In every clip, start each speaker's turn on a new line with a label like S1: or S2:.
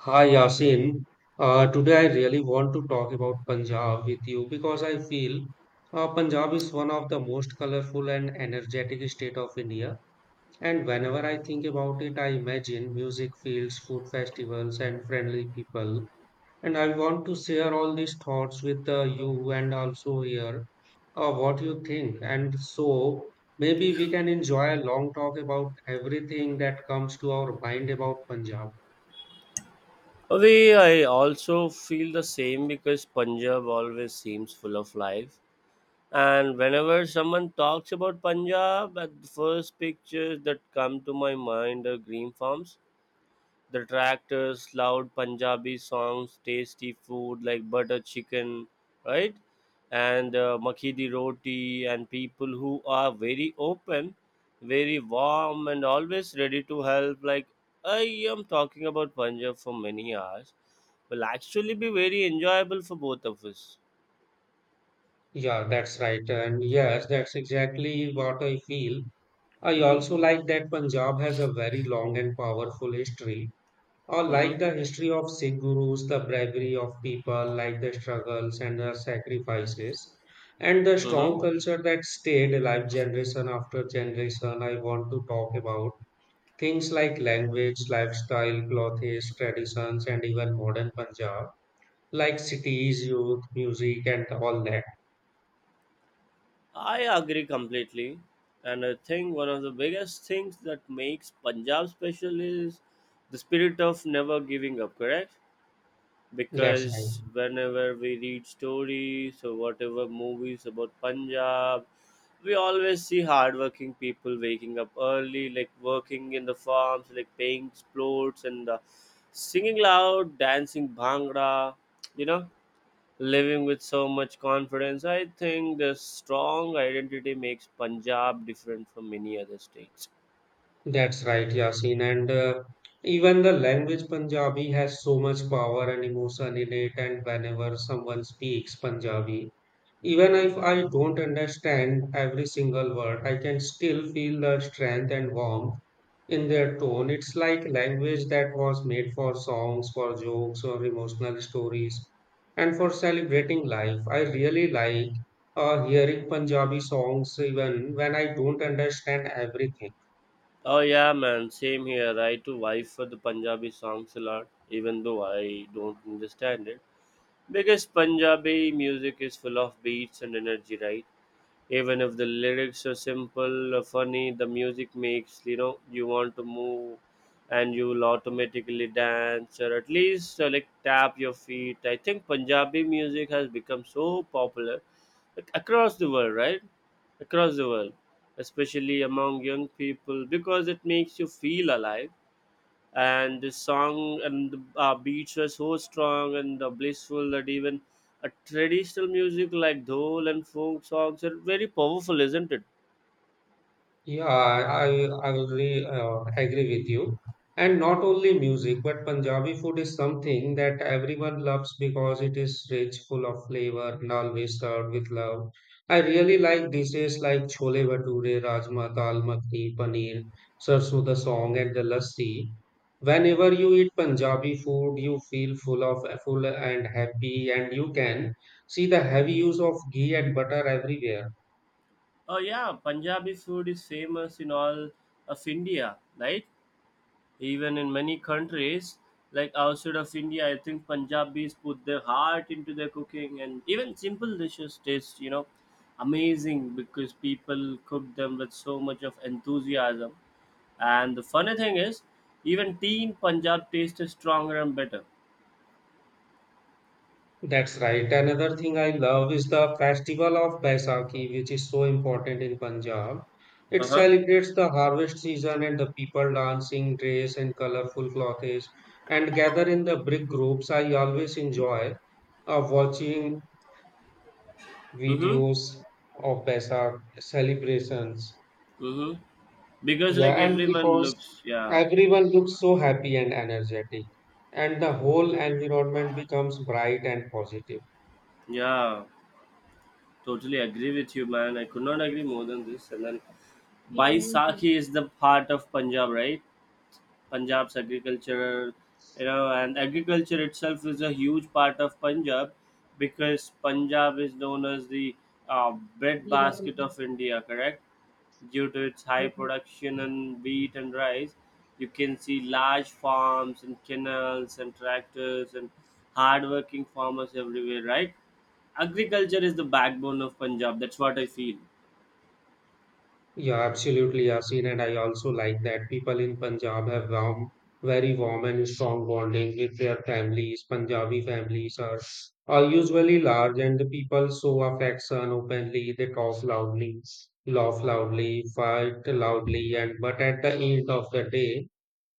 S1: Hi Yasin, today I really want to talk about Punjab with you because I feel Punjab is one of the most colorful and energetic state of India. And whenever I think about it, I imagine music fields, food festivals, and friendly people. And I want to share all these thoughts with you and also hear what you think. And so maybe we can enjoy a long talk about everything that comes to our mind about Punjab.
S2: They, I also feel the same because Punjab always seems full of life. And whenever someone talks about Punjab, at the first pictures that come to my mind are green farms, the tractors, loud Punjabi songs, tasty food like butter chicken, right? And makhi di roti, and people who are very open, very warm, and always ready to help. Like I am talking about Punjab for many hours, will actually be very enjoyable for both of us.
S1: Yeah, that's right. And yes, that's exactly what I feel. I
S2: Mm-hmm.
S1: also like that Punjab has a very long and powerful history. Or like
S2: Mm-hmm.
S1: the history of Sikh gurus, the bravery of people, like the struggles and the sacrifices, and the
S2: Mm-hmm.
S1: strong culture that stayed alive generation after generation. I want to talk about things like language, lifestyle, clothes, traditions, and even modern Punjab, like cities, youth, music, and all that.
S2: I agree completely. And I think one of the biggest things that makes Punjab special is the spirit of never giving up, correct?
S1: That's right.
S2: Because whenever we read stories or whatever movies about Punjab, we always see hardworking people waking up early, like working in the farms, like paying explodes and singing loud, dancing bhangra, you know, living with so much confidence. I think this strong identity makes Punjab different from many other states.
S1: That's right, Yasin. And even the language Punjabi has so much power and emotion in it. And whenever someone speaks Punjabi, even
S2: hmm
S1: if I don't understand every single word, I can still feel the strength and warmth in their tone. It's like language that was made for songs, for jokes, or emotional stories, and for celebrating life. I really like hearing Punjabi songs even when I don't understand everything.
S2: Oh yeah, man, same here. I too vibe for the Punjabi songs a lot, even though I don't understand it. Because Punjabi music is full of beats and energy, right? Even if the lyrics are simple or funny, the music makes you know you want to move, and you will automatically dance or at least like tap your feet. I think Punjabi music has become so popular, like, across the world, right? Across the world, especially among young people, because it makes you feel alive, and the song and the beats were so strong and blissful that even a traditional music like dhol and folk songs are very powerful, isn't it?
S1: Yeah, I will really agree with you. And not only music, but Punjabi food is something that everyone loves because it is rich, full of flavor, and always served with love. I really like dishes like chole bhature, rajma, dal makhni, paneer, sarson da saag, and the lassi. Whenever you eat Punjabi food, you feel full of full and happy, and you can see the heavy use of ghee and butter everywhere.
S2: Oh yeah, Punjabi food is famous in all of India, right? Even in many countries, like outside of India, I think Punjabis put their heart into their cooking, and even simple dishes taste, you know, amazing because people cook them with so much of enthusiasm. And the funny thing is, even tea in Punjab tastes stronger and better.
S1: That's right. Another thing I love is the festival of Baisakhi, which is so important in Punjab. It
S2: Uh huh.
S1: celebrates the harvest season and the people dancing, dress, and colorful clothes, and gather in the big groups. I always enjoy watching
S2: Mm-hmm.
S1: videos of Baisak celebrations.
S2: Mm-hmm. Because
S1: Yeah,
S2: like
S1: and
S2: everyone
S1: because
S2: looks, yeah,
S1: everyone looks so happy and energetic, and the whole environment becomes bright and positive.
S2: yeah. Totally agree with you, man. I could not agree more than this. And then Baisakhi is the part of Punjab, right? Punjab's agriculture, you know, and agriculture itself is a huge part of Punjab because Punjab is known as the uh, breadbasket of India, correct? Due to its high production in wheat and rice, you can see large farms and canals and tractors and hardworking farmers everywhere, right? Agriculture is the backbone of Punjab. That's what I feel.
S1: Yeah, absolutely, Yasin. And I also like that people in Punjab have warm, very warm and strong bonding with their families. Punjabi families are usually large and the people show affection openly. They talk loudly, laugh loudly, fight loudly, and but at the end of the day,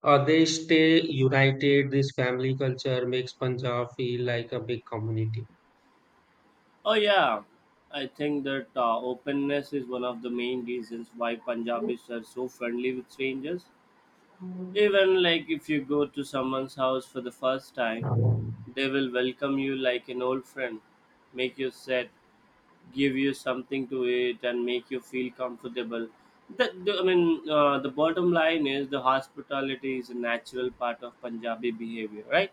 S1: they stay united. This family culture makes Punjab feel like a big community.
S2: Oh yeah, I think that openness is one of the main reasons why Punjabis are so friendly with strangers. Even like if you go to someone's house for the first time, they will welcome you like an old friend, make you sit, give you something to eat, and make you feel comfortable. That the, I mean, The bottom line is the hospitality is a natural part of Punjabi behavior, right?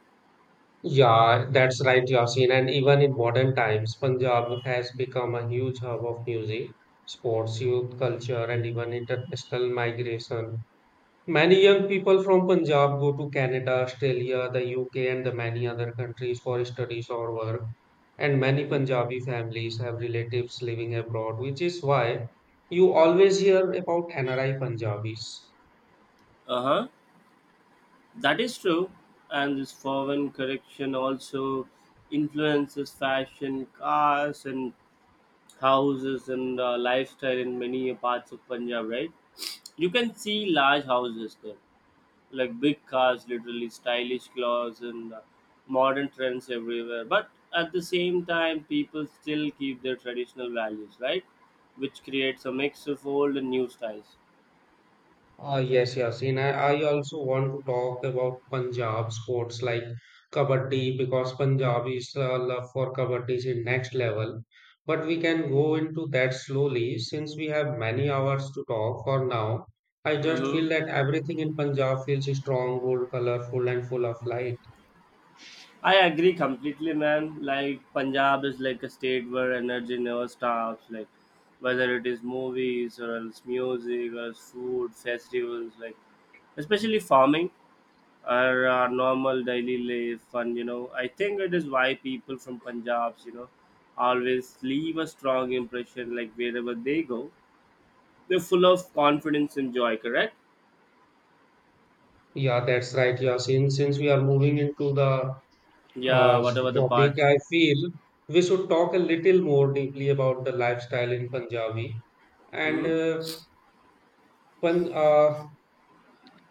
S1: Yeah, that's right, Yasin. And even in modern times, Punjab has become a huge hub of music, sports, youth culture, and even international migration. Many young people from Punjab go to Canada, Australia, the UK, and the many other countries for studies or work. And many
S2: Mm.
S1: Punjabi families have relatives living abroad, which is why you always hear about NRI Punjabis.
S2: Uh huh. That is true, and this foreign correction also influences fashion, cars, and houses and lifestyle in many parts of Punjab, right? You can see large houses there, like big cars, literally stylish clothes and modern trends everywhere. But at the same time, people still keep their traditional values, right? Which creates a mix of old and new styles.
S1: Ah yes, Yasin. I also want to talk about Punjab sports like Kabaddi because Punjabis love for Kabaddi is in next level. But we can go into that slowly since we have many hours to talk for now. I just feel
S2: Mhm.
S1: that everything in Punjab feels strong, bold, colorful, and full of light.
S2: I agree completely, man. Like Punjab is like a state where energy never stops. Like whether it is movies or else music or else food, festivals, like especially farming or our normal daily life. And you know, I think it is why people from Punjab's, you know, always leave a strong impression. Like wherever they go, they're full of confidence and joy. Correct?
S1: Yeah, that's right, Yasin. Since we are moving into the
S2: Yeah.
S1: So
S2: Whatever the
S1: topic,
S2: part.
S1: I feel we should talk a little more deeply about the lifestyle in Punjabi and
S2: Hmm.
S1: Pan, uh,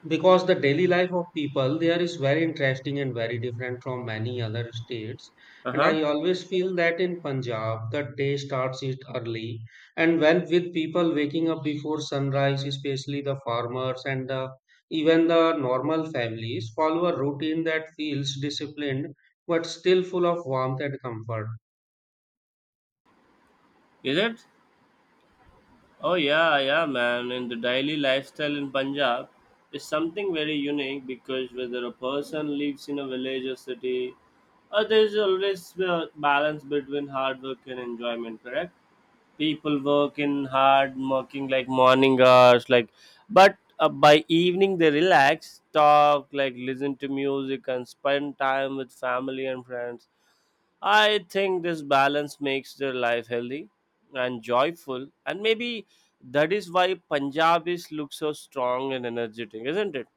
S1: because the daily life of people there is very interesting and very different from many other states
S2: Uh
S1: and
S2: huh.
S1: I always feel that in Punjab the day starts it early and when with people waking up before sunrise, especially the farmers and the even the normal families follow a routine that feels disciplined but still full of warmth and comfort.
S2: Is it? Oh yeah, yeah, man. And the daily lifestyle in Punjab is something very unique because whether a person lives in a village or city, there's always a balance between hard work and enjoyment. Correct? People work in hard, working like morning hours, like, but by evening they relax, talk, like listen to music, and spend time with family and friends. I think this balance makes their life healthy and joyful, and maybe that is why Punjabis look so strong and energetic, isn't it?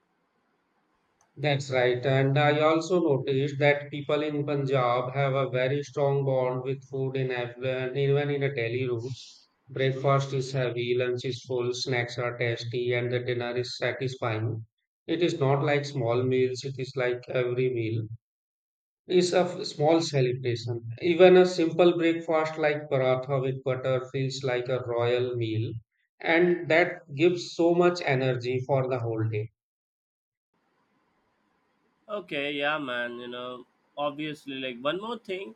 S1: That's right. And I also noticed that people in Punjab have a very strong bond with food in Afghan, even in a daily routes.
S2: Mhm.
S1: Breakfast is heavy, lunch is full, snacks are tasty, and the dinner is satisfying. It is not like small meals, it is like every meal is a f- small celebration. Even a simple breakfast like paratha with butter feels like a royal meal, and that gives so much energy for the whole day.
S2: Okay, yeah, man. You know, obviously, like one more thing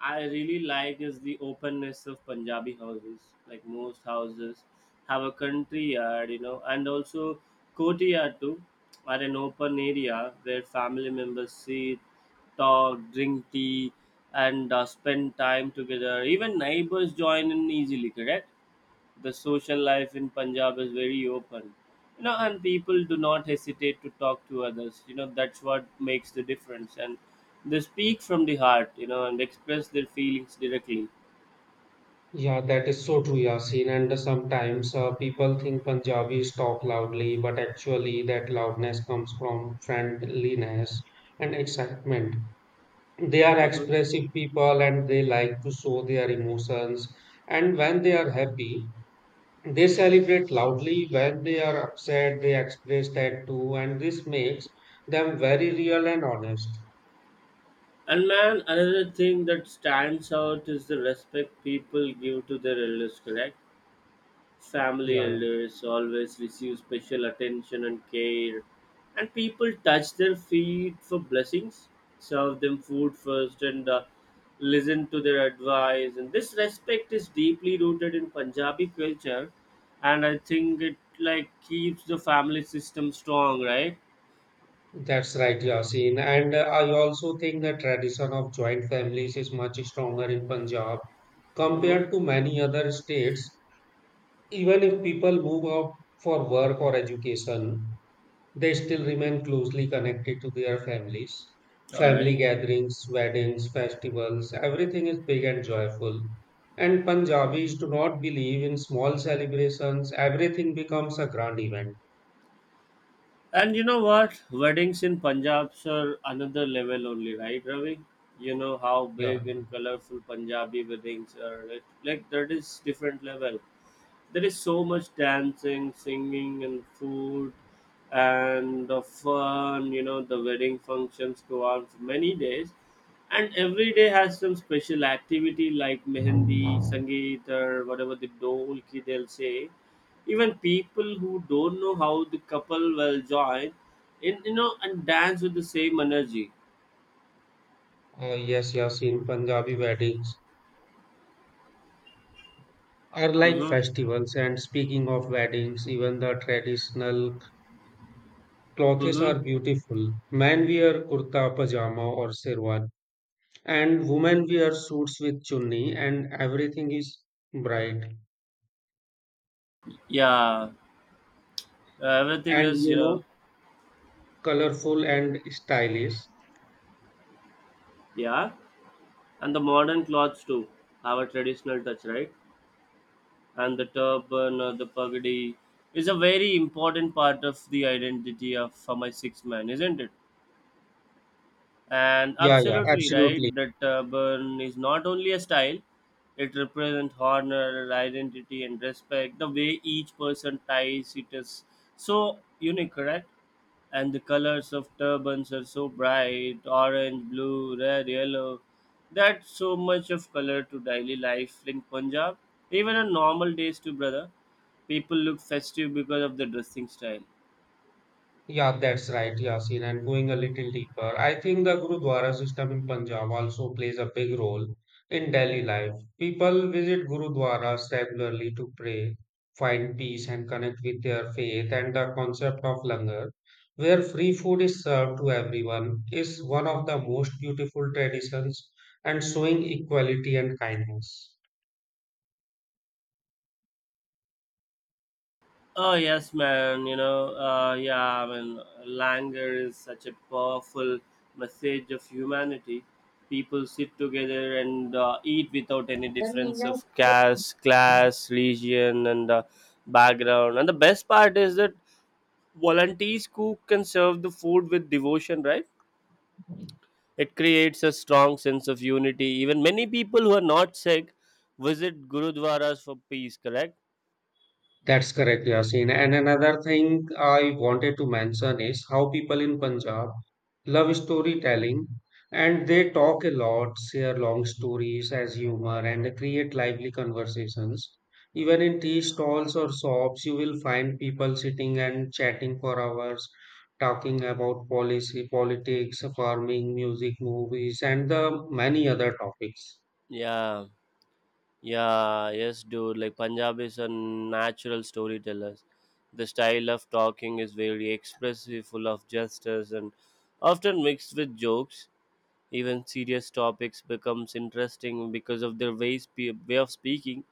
S2: I really like is the openness of Punjabi houses. Like most houses have a country yard, you know, and also courtyard too, are an open area where family members sit, talk, drink tea, and spend time together. Even neighbors join in easily, correct? The social life in Punjab is very open, you know, and people do not hesitate to talk to others. You know, that's what makes the difference. And they speak from the heart, you know, and express their feelings directly.
S1: Yeah, that is so true, Yasin. And sometimes people think Punjabis talk loudly, but actually, that loudness comes from friendliness and excitement. They are
S2: hmm
S1: expressive people and they like to show their emotions. And when they are happy, they celebrate loudly. When they are upset, they express that too. And this makes them very real and honest.
S2: And man, another thing that stands out is the respect people give to their elders, correct? Family
S1: Yeah.
S2: elders always receive special attention and care, and people touch their feet for blessings, serve them food first, and listen to their advice. And this respect is deeply rooted in Punjabi culture, and I think it like keeps the family system strong, right?
S1: That's right, Yasin. And I also think the tradition of joint families is much stronger in Punjab
S2: Mm-hmm.
S1: compared to many other states. Even if people move out for work or education, they still remain closely connected to their families.
S2: All
S1: Family
S2: right.
S1: gatherings, weddings, festivals, everything is big and joyful. And Punjabis do not believe in small celebrations, everything becomes a grand event.
S2: And you know what? Weddings in Punjab are another level only, right, Ravi? You know how
S1: Yeah.
S2: big and colorful Punjabi weddings are. Like that is different level. There is so much dancing, singing, and food, and the fun. You know, the wedding functions go on for many days, and every day has some special activity like mehendi, sangeet, or whatever the dole ki they'll say. Even people who don't know how the couple will join, in you know, and dance with the same energy.
S1: Yes, Yasin, Punjabi weddings are like
S2: Mm-hmm.
S1: festivals. And speaking of weddings, even the traditional clothes
S2: Mm-hmm.
S1: are beautiful. Men wear kurta pajama or sherwani, and women wear suits with chunni, and everything is bright
S2: Yeah, everything
S1: and,
S2: is,
S1: you
S2: you know,
S1: know, colorful and stylish.
S2: yeah. And the modern clothes too have a traditional touch, right? And the turban, the pagadi is a very important part of the identity of for my six-man, isn't it? And
S1: Yeah, yeah,
S2: absolutely right
S1: absolutely.
S2: that burn is not only a style, it represents honor, identity, and respect. The way each person ties it is so unique, correct? And the colors of turbans are so bright, orange, blue, red, yellow, that so much of color to daily life in Punjab. Even on normal days too, brother, people look festive because of the dressing style.
S1: Yeah, that's right, Yasin. And going a little deeper, I think the Gurudwara system in Punjab also plays a big role in daily life. People visit Gurudwaras regularly to pray, find peace, and connect with their faith. And the concept of langar, where free food is served to everyone, is one of the most beautiful traditions and showing equality and kindness.
S2: Oh yes, man. You know, yeah. I mean, languor is such a powerful message of humanity. People sit together and eat without any difference of caste, class, religion, and background. And the best part is that volunteers cook and serve the food with devotion. Right? It creates a strong sense of unity. Even many people who are not sick visit gurudwaras for peace. Correct?
S1: That's correct, Yasin. And another thing I wanted to mention is how people in Punjab love storytelling, and they
S2: Mm-hmm.
S1: talk a lot, share long stories as humor, and create lively conversations. Even in tea stalls or shops, you will find people sitting and chatting for hours, talking about policy, politics, farming, music, movies, and the many other topics.
S2: Yeah. Yeah, yes, dude. Like Punjabis are natural storytellers. The style of talking is very expressive, full of gestures, and often mixed with jokes. Even serious topics becomes interesting because of their way of speaking.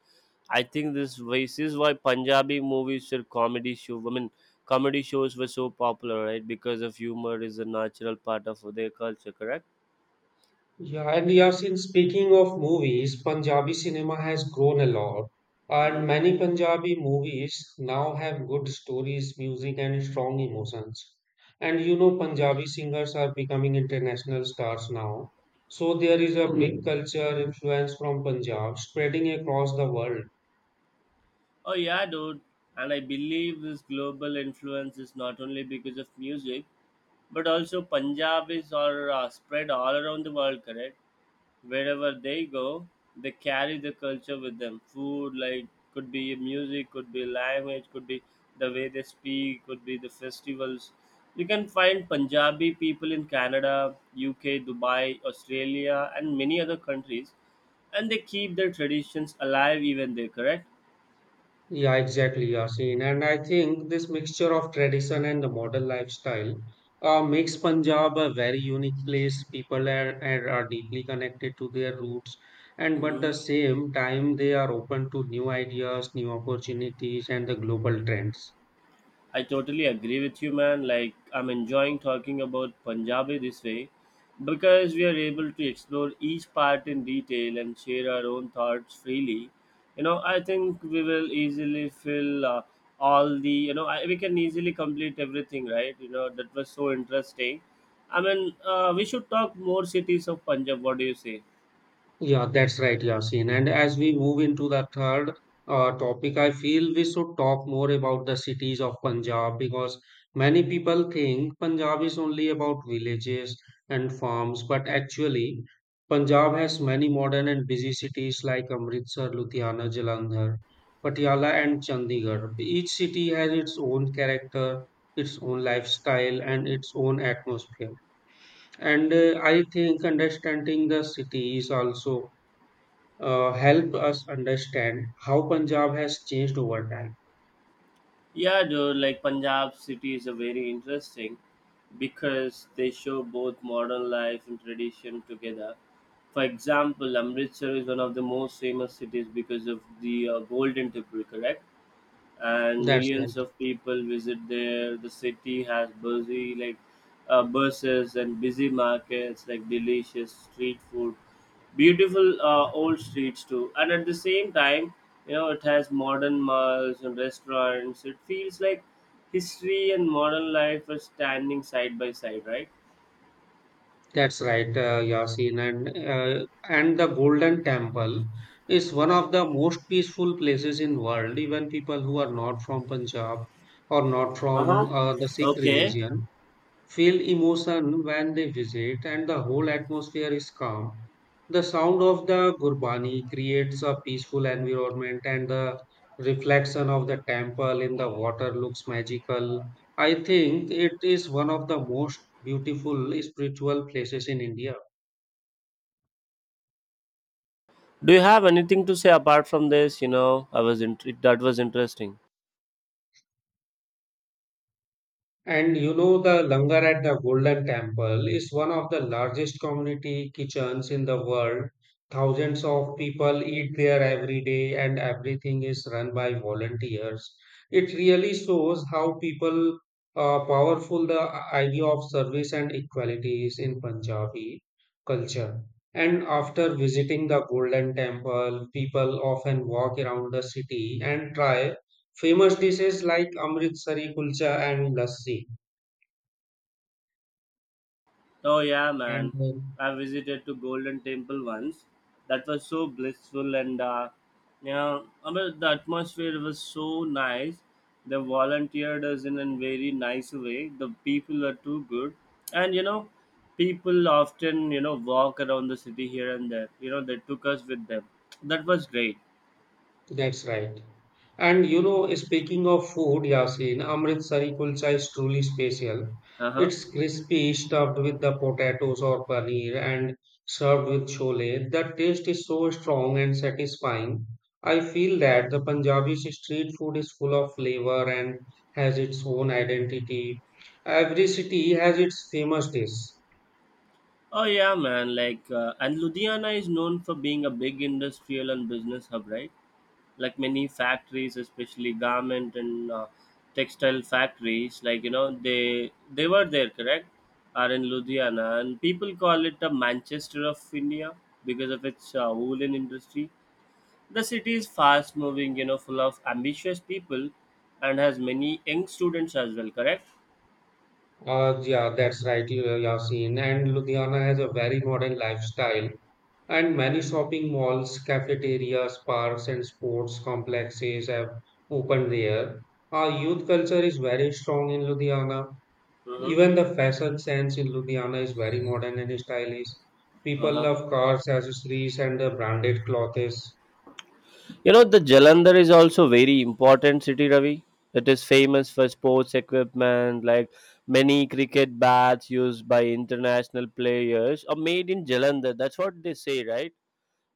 S2: I think this ways is why Punjabi movies or comedy show. I mean, comedy shows were so popular, right? Because of humor is a natural part of their culture, correct?
S1: Yeah, and Yasin, speaking of movies, Punjabi cinema has grown a lot, and
S2: Mm-hmm.
S1: many Punjabi movies now have good stories, music, and strong emotions. And you know, Punjabi singers are becoming international stars now. So there is a big culture influence from Punjab spreading across the world.
S2: Oh yeah, dude. And I believe this global influence is not only because of music, but also Punjabis are spread all around the world, correct? Wherever they go, they carry the culture with them. Food, like, could be music, could be language, could be the way they speak, could be the festivals. You can find Punjabi people in Canada, UK, Dubai, Australia, and many other countries, and they keep their traditions alive even there, correct?
S1: Yeah, exactly, Yasin. And I think this mixture of tradition and the modern lifestyle makes Punjab a very unique place. People are deeply connected to their roots, and but
S2: hmm
S1: the same time they are open to new ideas, new opportunities, and the global trends.
S2: I totally agree with you, man. Like, I'm enjoying talking about Punjabi this way because we are able to explore each part in detail and share our own thoughts freely. You know, I think we will easily fill all the, you know, I, we can easily complete everything, right? You know, that was so interesting. I mean, we should talk more cities of Punjab. What do you say?
S1: Yeah, that's right, Yasin. And as we move into the third topic, I feel we should talk more about the cities of Punjab because many people think Punjab is only about villages and farms, but actually, Punjab has many modern and busy cities like Amritsar, Ludhiana, Jalandhar, Patiala, and Chandigarh. Each city has its own character, its own lifestyle, and its own atmosphere. And I think understanding the city is also help us understand how Punjab has changed over time.
S2: Yeah, dude, like Punjab city is a very interesting because they show both modern life and tradition together. For example, Amritsar is one of the most famous cities because of the Golden Temple, correct? And
S1: That's right.
S2: millions of people visit there. The city has busy like buses and busy markets, like delicious street food, beautiful old streets too. And at the same time, you know, it has modern malls and restaurants. It feels like history and modern life are standing side by side, right?
S1: That's right, Yasin. And the Golden Temple is one of the most peaceful places in world. Even people who are not from Punjab or not
S2: Uh
S1: from
S2: huh.
S1: the Sikh
S2: Okay.
S1: religion, feel emotion when they visit, and the whole atmosphere is calm. The sound of the Gurbani creates a peaceful environment, and the reflection of the temple in the water looks magical. I think it is one of the most beautiful spiritual places in India.
S2: Do you have anything to say apart from this? You know, that was interesting.
S1: And you know, the langar at the Golden Temple is one of the largest community kitchens in the world. Thousands of people eat there every day, and everything is run by volunteers. It really shows how people powerful the idea of service and equality is in Punjabi culture. And after visiting the Golden Temple, people often walk around the city and try famous dishes like Amritsari kulcha and lassi.
S2: Oh yeah,
S1: And
S2: man. I visited to Golden Temple once. That was so blissful and you know, I mean, the atmosphere was so nice. They volunteered us in a very nice way. The people are too good, and you know, people often you know walk around the city here and there. You know, they took us with them. That was great.
S1: That's right. And you know, speaking of food, Yasin, Amritsari kulcha is truly special.
S2: Uh huh.
S1: It's crispy, stuffed with the potatoes or paneer, and served with chole. The taste is so strong and satisfying. I feel that the Punjabi street food is full of flavor and has its own identity. Every city has its famous dish.
S2: Oh yeah, man. Like, and Ludhiana is known for being a big industrial and business hub, right? Like many factories, especially garment and textile factories, like you know they were there, correct, are in Ludhiana, and people call it the Manchester of India because of its woolen industry. The city is fast moving, you know, full of ambitious people and has many young students as well, correct.
S1: Yeah, that's right, Yasin. And Ludhiana has a very modern lifestyle, and many shopping malls, cafeterias, parks, and sports complexes have opened there. Our youth culture is very strong in Ludhiana.
S2: Mm-hmm.
S1: Even the fashion sense in Ludhiana is very modern and stylish. People
S2: Uh-huh.
S1: love cars, accessories, and the branded clothes.
S2: You know, the Jalandhar is also very important city, Ravi. It is famous for sports equipment, like many cricket bats used by international players are made in Jalandhar. That's what they say, right?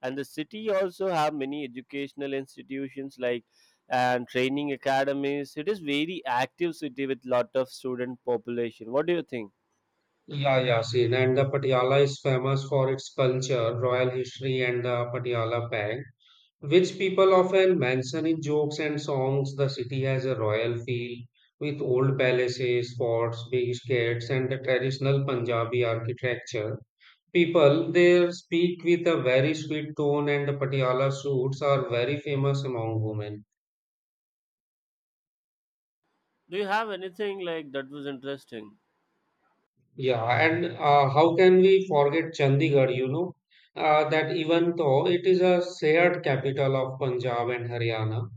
S2: And the city also have many educational institutions like and training academies. It is very active city with lot of student population. What do you think?
S1: Yeah, yeah, seen. And the Patiala is famous for its culture, royal history, and the Patiala bag, which people often mention in jokes and songs. The city has a royal feel with old palaces, forts, big gates, and the traditional Punjabi architecture. People there speak with a very sweet tone, and the Patiala suits are very famous among women.
S2: Do you have anything like that was interesting?
S1: Yeah, and how can we forget Chandigarh? You know, that even though it is a shared capital of Punjab and Haryana,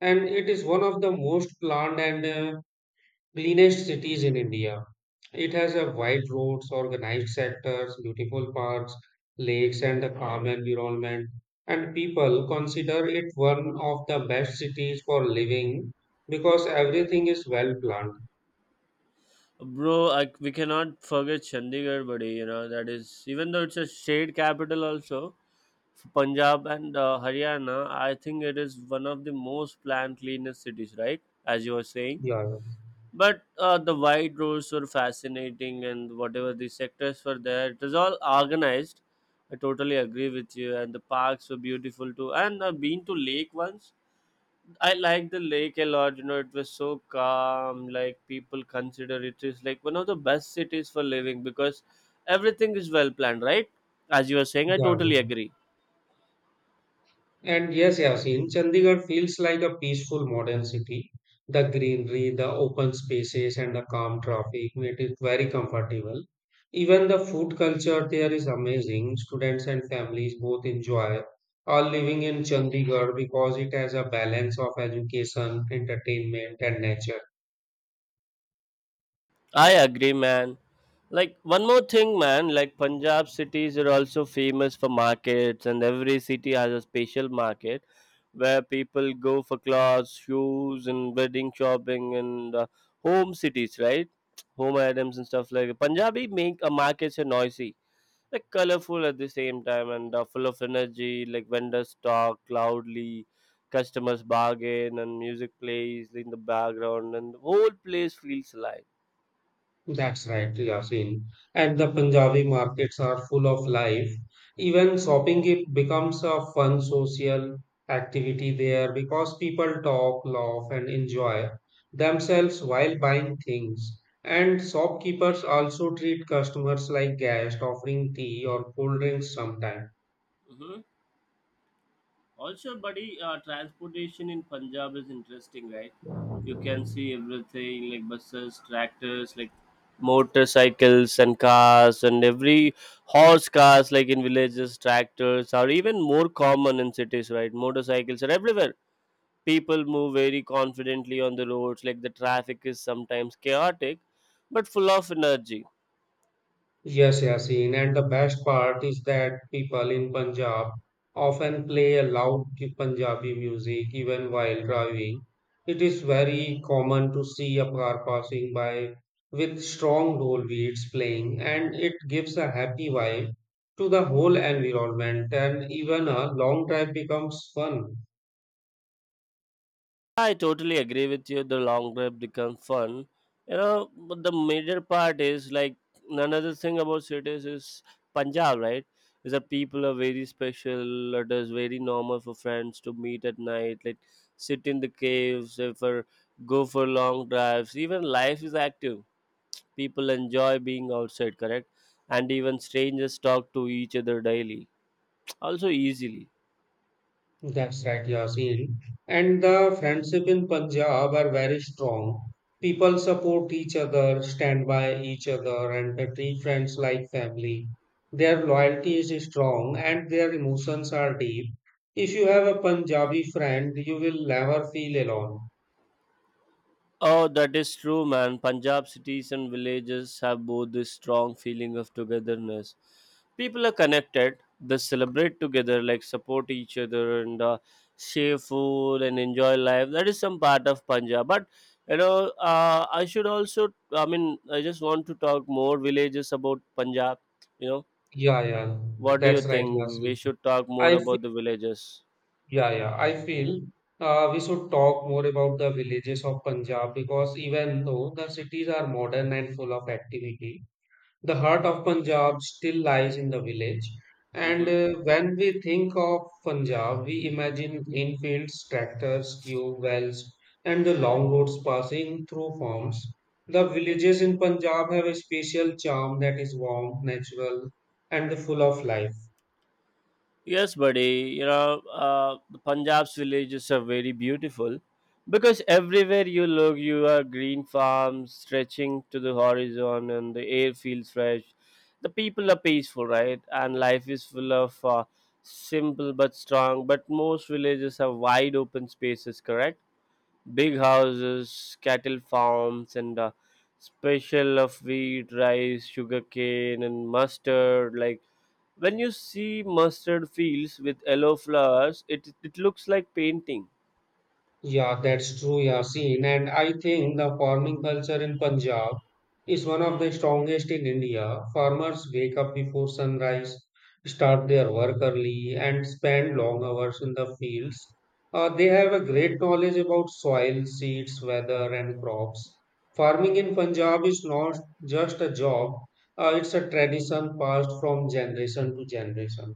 S1: and it is one of the most planned and cleanest cities in India. It has a wide roads, organized sectors, beautiful parks, lakes, and a calm environment. And people consider it one of the best cities for living because everything is well planned.
S2: Bro, we cannot forget Chandigarh, buddy. You know, that is, even though it's a state capital, also Punjab and Haryana. I think it is one of the most planned, cleanest cities, right? As you were saying,
S1: Yeah,
S2: but the wide roads were fascinating, and whatever the sectors were there, it was all organized. I totally agree with you, and the parks were beautiful too, and I've been to lake once. I like the lake a lot, you know, it was so calm. Like, people consider it is like one of the best cities for living because everything is well planned, right? As you were saying, I
S1: yeah, yeah.
S2: totally agree.
S1: And yes, Yasin, Chandigarh feels like a peaceful modern city. The greenery, the open spaces, and the calm traffic made it very comfortable. Even the food culture there is amazing. Students and families both enjoy are living in Chandigarh because it has a balance of education, entertainment, and nature.
S2: I agree, man. Like, one more thing, man. Like, Punjab cities are also famous for markets, and every city has a special market where people go for clothes, shoes, and wedding shopping, and home cities, right? Home items and stuff like that. Punjabi make a markets are noisy, like colorful at the same time, and full of energy. Like, vendors talk loudly, customers bargain, and music plays in the background, and the whole place feels alive.
S1: That's right, Yasin. And the Punjabi markets are full of life. Even shopping it becomes a fun social activity there because people talk, laugh, and enjoy themselves while buying things. And shopkeepers also treat customers like guests, offering tea or cold drinks sometimes.
S2: Mm-hmm. Also, buddy, transportation in Punjab is interesting, right? You can see everything, like buses, tractors, like motorcycles and cars, and every horse cars. Like, in villages, tractors are even more common. In cities, right, motorcycles are everywhere. People move very confidently on the roads. Like, the traffic is sometimes chaotic but full of energy.
S1: Yes, Yasin. And the best part is that people in Punjab often play a loud Punjabi music even while driving. It is very common to see a car passing by with strong dhol beats playing, and it gives a happy vibe to the whole environment, and even a long drive becomes fun.
S2: I totally agree with you. The long drive becomes fun. But the major part is, like, another thing about cities is Punjab, right? Is that people are very special. It is very normal for friends to meet at night, like sit in the caves, for go for long drives. Even life is active. People enjoy being outside, correct? And even strangers talk to each other daily, also easily.
S1: That's right, Yasin. And the friendship in Punjab are very strong. People support each other, stand by each other, and they treat friends like family. Their loyalty is strong and their emotions are deep. If you have a Punjabi friend, you will never feel alone.
S2: Oh, that is true, man. Punjab cities and villages have both this strong feeling of togetherness. People are connected, they celebrate together, like support each other, and share food and enjoy life. That is some part of Punjab. But, I should also. I mean, I just want to talk more villages about Punjab. You know,
S1: Yeah, yeah,
S2: what do you
S1: that's right,
S2: think? We
S1: Yasin.
S2: should talk more
S1: I feel,
S2: about the villages.
S1: yeah, yeah, I feel we should talk more about the villages of Punjab because even though the cities are modern and full of activity, the heart of Punjab still lies in the village, and
S2: Mm-hmm.
S1: when we think of Punjab, we imagine green fields, tractors, tube wells, and the long roads passing through farms. The villages in Punjab have a special charm that is warm, natural, and full of life.
S2: Yes, buddy. You know, the Punjab's villages are very beautiful because everywhere you look, you are green farms stretching to the horizon, and the air feels fresh. The people are peaceful, right? And life is full of simple but strong. But most villages have wide open spaces, correct? Big houses, cattle farms, and special of wheat, rice, sugarcane, and mustard. Like, when you see mustard fields with yellow flowers, it looks like painting.
S1: Yeah, that's true, Yasin. And I think the farming culture in Punjab is one of the strongest in India. Farmers wake up before sunrise, start their work early, and spend long hours in the fields. They have a great knowledge about soil, seeds, weather, and crops. Farming in Punjab is not just a job, it's a tradition passed from generation to generation.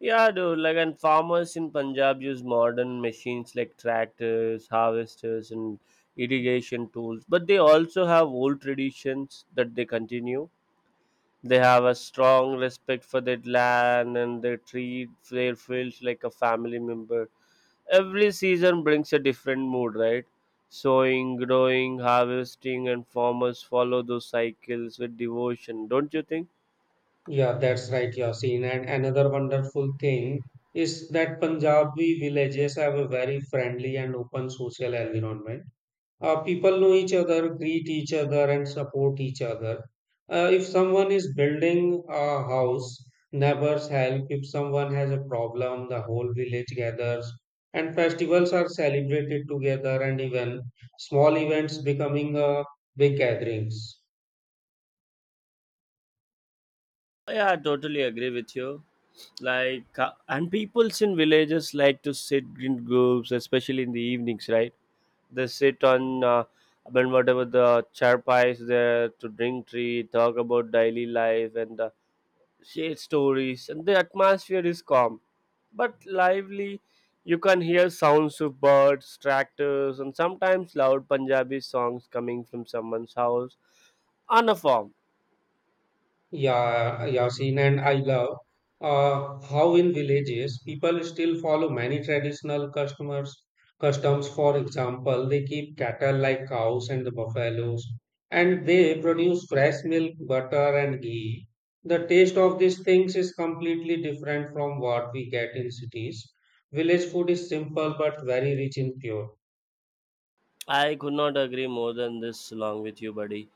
S2: Yeah, dude. Like, and farmers in Punjab use modern machines like tractors, harvesters, and irrigation tools. But they also have old traditions that they continue. They have a strong respect for their land, and they treat their fields like a family member. Every season brings a different mood, right? Sowing, growing, harvesting, and farmers follow those cycles with devotion, don't you think?
S1: Yeah, that's right, Yasin. And another wonderful thing is that Punjabi villages have a very friendly and open social environment. People know each other, greet each other, and support each other. If someone is building a house, neighbors help. If someone has a problem, the whole village gathers. And festivals are celebrated together, and even small events becoming big gatherings.
S2: Yeah, I totally agree with you. Like, and peoples in villages like to sit in groups, especially in the evenings, right? They sit on. I mean, whatever the charpai is there, to drink tea, talk about daily life, and share stories, and the atmosphere is calm but lively. You can hear sounds of birds, tractors, and sometimes loud Punjabi songs coming from someone's house on a farm.
S1: Yeah, Yasin, and I love how in villages people still follow many traditional customers customs. For example, they keep cattle like cows and the buffaloes, and they produce fresh milk, butter, and ghee. The taste of these things is completely different from what we get in cities. Village food is simple but very rich in pure.
S2: I could not agree more than this along with you, buddy.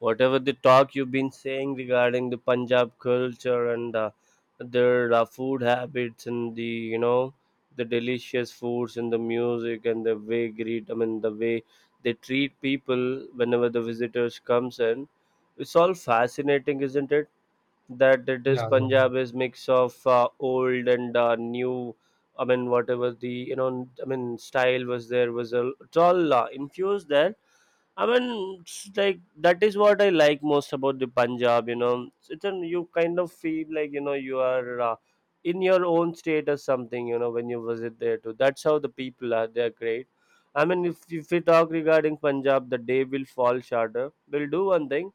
S2: Whatever the talk you've been saying regarding the Punjab culture and their food habits, and the you know the delicious foods, and the music, and the way greet, I mean the way they treat people whenever the visitors comes in. It's all fascinating, isn't it? That it is,
S1: Yeah, yeah,
S2: Punjab is mix of old and new. I mean, whatever the I mean, style was there, was a it's all infused there. I mean, it's like that is what I like most about the Punjab. You know, you kind of feel like you know you are in your own state or something. You know, when you visit there too. That's how the people are. They're great. I mean, if we talk regarding Punjab, the day will fall shorter. We'll do one thing.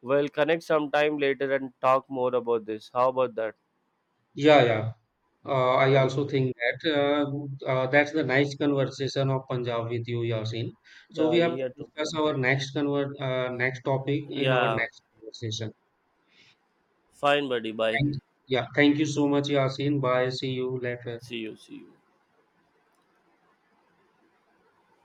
S2: We'll connect sometime later and talk more about this. How about that?
S1: yeah, yeah. I
S2: Well,
S1: also think that that's the nice conversation of Punjab with you, Yasin. So
S2: the
S1: we have to
S2: here too.
S1: discuss our next convert next topic in our
S2: Yeah,
S1: next conversation.
S2: fine, buddy. Bye.
S1: Thank, yeah, thank you so much, Yasin. Bye. See you later.
S2: See you. See you.